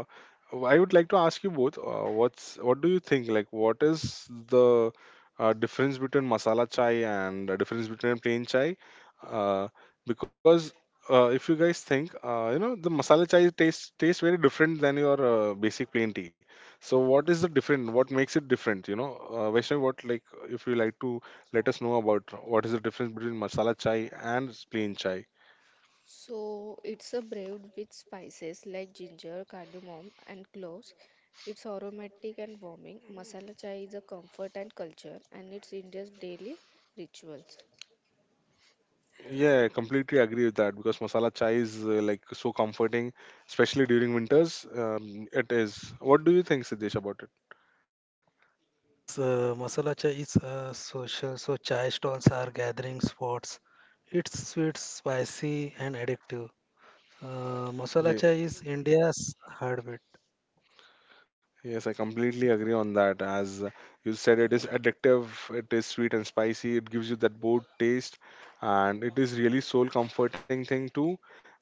Speaker 1: I would like to ask you both. Uh, what do you think? Like, what is the difference between masala chai and the difference between plain chai? Uh, because if you guys think, you know, the masala chai tastes very different than your basic plain tea. So, what is the different? What makes it different? You know, Vaishnavi, what, like, if you like to let us know about what is the difference between masala chai and plain chai.
Speaker 2: So it's a brewed with spices like ginger, cardamom, and cloves. It's aromatic and warming. Masala chai is a comfort and culture, and it's India's daily rituals.
Speaker 1: Yeah, I completely agree with that because masala chai is like so comforting, especially during winters. It is. What do you think, Siddesh, about it?
Speaker 3: Yes, masala chai is social, so chai stalls are gathering spots. It's sweet, spicy, and addictive. Masala
Speaker 1: Yeah.
Speaker 3: chai is India's heartbeat.
Speaker 1: Yes, I completely agree on that. As you said, it is addictive, it is sweet and spicy, it gives you that boat taste, and it is really soul comforting thing too.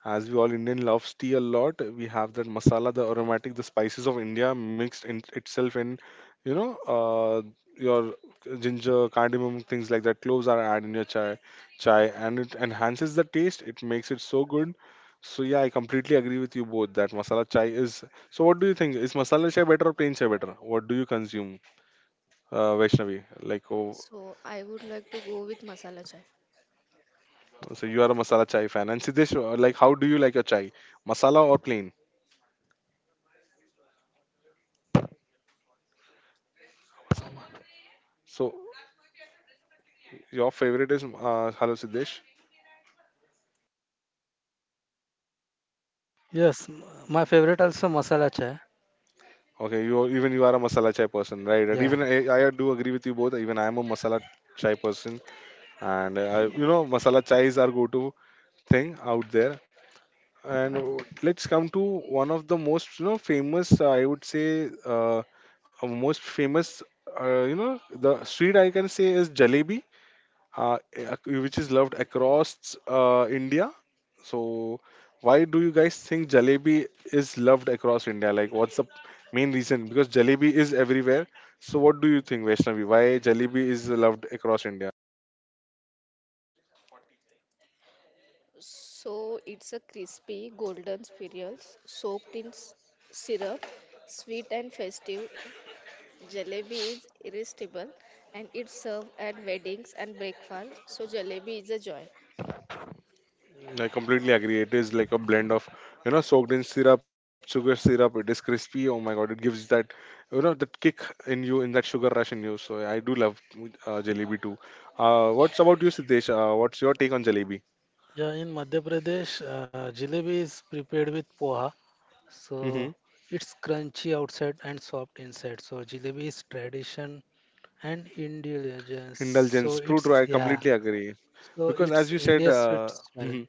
Speaker 1: As we all Indian loves tea a lot, we have that masala, the aromatic, the spices of India mixed in itself in, you know, your ginger, cardamom, things like that. Cloves are added in your chai, and it enhances the taste. It makes it so good. So yeah, I completely agree with you both that masala chai is. So what do you think? Is masala chai better or plain chai better? What do you consume, Vaishnavi? Like, oh,
Speaker 2: So I would like to go with masala chai.
Speaker 1: so you are a masala chai fan. And Siddesh, like, how do you like your chai? Masala or plain? So your favorite is, hello Siddesh.
Speaker 3: Yes, my favorite also masala chai.
Speaker 1: Okay, you are- even you are a masala chai person, right? And
Speaker 3: Yeah.
Speaker 1: I do agree with you both. Even I am a masala chai person, and I, you know, masala chais are go-to thing out there. And let's come to one of the most you know famous, most famous, you know, the street I can say is jalebi, which is loved across India. So, why do you guys think jalebi is loved across India? Like, what's the main reason? Because jalebi is everywhere. So, what do you think, Vaishnavi? Why jalebi is loved across India?
Speaker 2: So it's a crispy golden spirals soaked in syrup, sweet and festive. Jalebi is irresistible, and it's served at weddings and breakfast. So jalebi is a joy.
Speaker 1: I completely agree. It is like a blend of, soaked in syrup, sugar syrup. It is crispy. Oh my god! It gives that, that kick in you, in that sugar rush in you. So yeah, I do love jalebi too. What's about you, Siddesh? What's your take on jalebi?
Speaker 3: Yeah, in Madhya Pradesh, jalebi is prepared with poha. So
Speaker 1: Hmm.
Speaker 3: it's crunchy outside and soft inside. So jalebi is tradition and indulgence. So
Speaker 1: Indulgence. True, true.
Speaker 3: it's
Speaker 1: I
Speaker 3: yeah.
Speaker 1: completely agree.
Speaker 3: So
Speaker 1: Because as
Speaker 3: it's
Speaker 1: you said,
Speaker 3: India's sweet smell.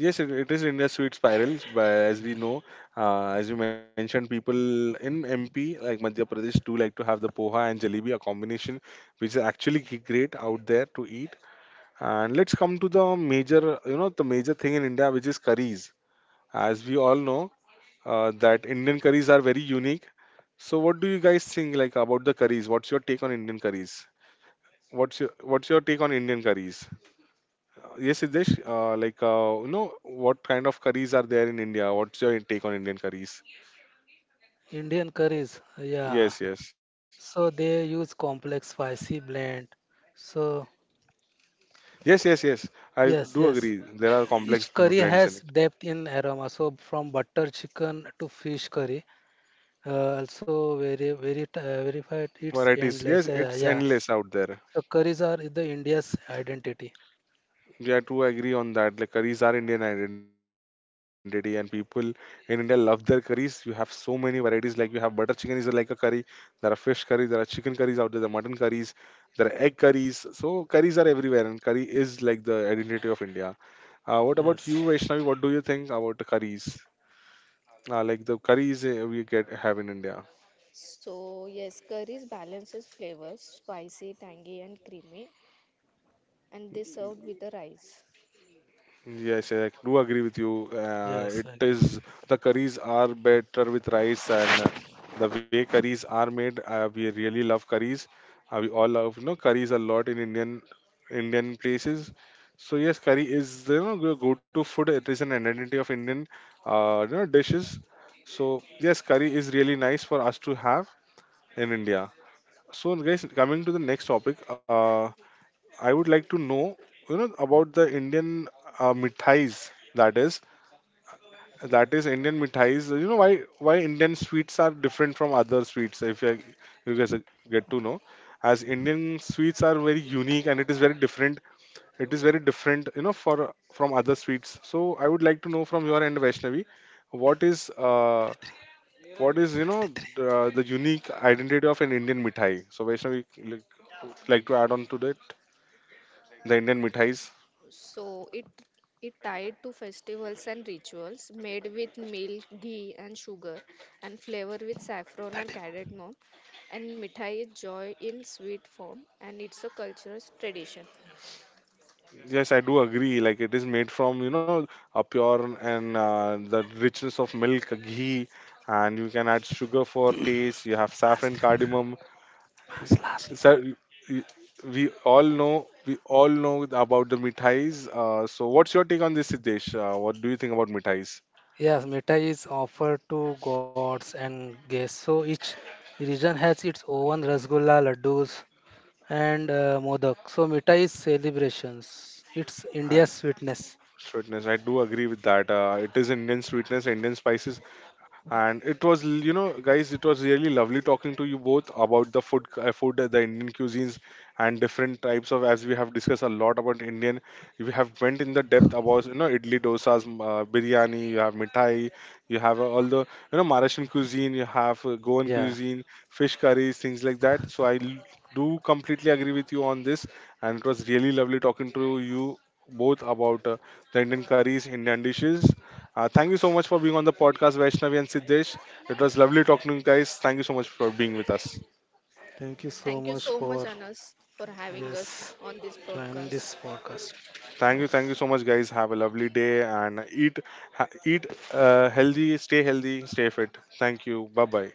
Speaker 1: Yes, it is India's sweet spiral. But as
Speaker 3: Yeah.
Speaker 1: we know, as you mentioned, people in MP like Madhya Pradesh do like to have the poha and jalebi, a combination which is actually great out there to eat. And let's come to the major, the major thing in India, which is curries. As we all know, that Indian curries are very unique. So, what do you guys think like about the curries? What's your take on Indian curries? What's your take on Indian curries? Yes, Siddesh, like, you know, what kind of curries are there in India? What's your take on Indian curries?
Speaker 3: Indian curries, yeah.
Speaker 1: Yes, yes.
Speaker 3: So they use complex spicy blend. So
Speaker 1: Yes, yes, yes. I
Speaker 3: yes,
Speaker 1: do
Speaker 3: yes.
Speaker 1: agree. There are
Speaker 3: Each
Speaker 1: complex
Speaker 3: curry
Speaker 1: blends in
Speaker 3: has
Speaker 1: it.
Speaker 3: depth in aroma. So from butter chicken to fish curry, also very very verified. It's
Speaker 1: Varieties,
Speaker 3: endless.
Speaker 1: yes,
Speaker 3: Yeah,
Speaker 1: it's
Speaker 3: yeah.
Speaker 1: endless out there.
Speaker 3: So curries are the India's identity.
Speaker 1: Yeah, I do agree on that. Like, curries are Indian identity, and people in India love their curries. You have so many varieties. Like, you have butter chicken is like a curry. There are fish curries. There are chicken curries out there. There are mutton curries. There are egg curries. So, curries are everywhere, and curry is like the identity of India. What about you,
Speaker 3: Yes,
Speaker 1: Vaishnavi? What do you think about the curries? Like the curries we get have in India.
Speaker 2: So, yes, curries balances flavors, spicy, tangy, and creamy, and they served with the rice.
Speaker 1: Yes, I do agree with you.
Speaker 3: yes,
Speaker 1: It
Speaker 3: I agree.
Speaker 1: is the curries are better with rice, and the way curries are made, we really love curries. We all love curries a lot in Indian places. So yes, curry is your go-to food. It is an identity of Indian you know dishes. So yes, curry is really nice for us to have in India. So, guys, coming to the next topic, I would like to know, you know, about the Indian mithais. That is Indian mithais. You know why Indian sweets are different from other sweets? If you, you guys get to know, as Indian sweets are very unique and it is very different. It is very different, you know, for from other sweets. So, I would like to know from your end, Vaishnavi, what is uh, what is you know the unique identity of an Indian mithai? So Vaishnavi like to add on to that the Indian mithais.
Speaker 2: So, it tied to festivals and rituals, made with milk, ghee, and sugar, and flavor with saffron
Speaker 3: That
Speaker 2: and
Speaker 3: is
Speaker 2: cardamom. And mithai is joy in sweet form, and it's a cultural tradition.
Speaker 1: Yes, I do agree. Like it is made from you know a pure and the richness of milk, ghee, and you can add sugar for taste. You have saffron,
Speaker 3: Baskin,
Speaker 1: cardamom.
Speaker 3: Last.
Speaker 1: So y- we all know about the mithais. So what's your take on this, Siddesh? What do you think about mithais?
Speaker 3: Yes, mitai is offered to gods and guests. So each region has its own rasgulla, laddus, and modak. So mitai is celebrations. It's
Speaker 1: I-
Speaker 3: India's sweetness.
Speaker 1: Sweetness, I do agree with that. It is Indian sweetness, Indian spices, and it was you know guys it was really lovely talking to you both about the food the Indian cuisines and different types of as we have discussed a lot about Indian we have went in the depth about you know idli dosas biryani you have mithai you have all the you know Mauritian cuisine, you have Goan
Speaker 3: Yeah.
Speaker 1: cuisine, fish curries, things like that. So do completely agree with you on this, and it was really lovely talking to you both about the Indian curries, Indian dishes. Thank you so much for being on the podcast, Vaishnavi and Siddesh. It was lovely talking to you guys. Thank you so much for being with us.
Speaker 3: Thank you so
Speaker 2: Thank you
Speaker 3: much
Speaker 2: so much,
Speaker 3: for
Speaker 2: Anas, for having us
Speaker 3: yes
Speaker 2: on this
Speaker 3: joining
Speaker 2: broadcast.
Speaker 3: this podcast.
Speaker 1: Thank you so much, guys. Have a lovely day and eat, eat healthy, stay fit. Thank you. Bye bye.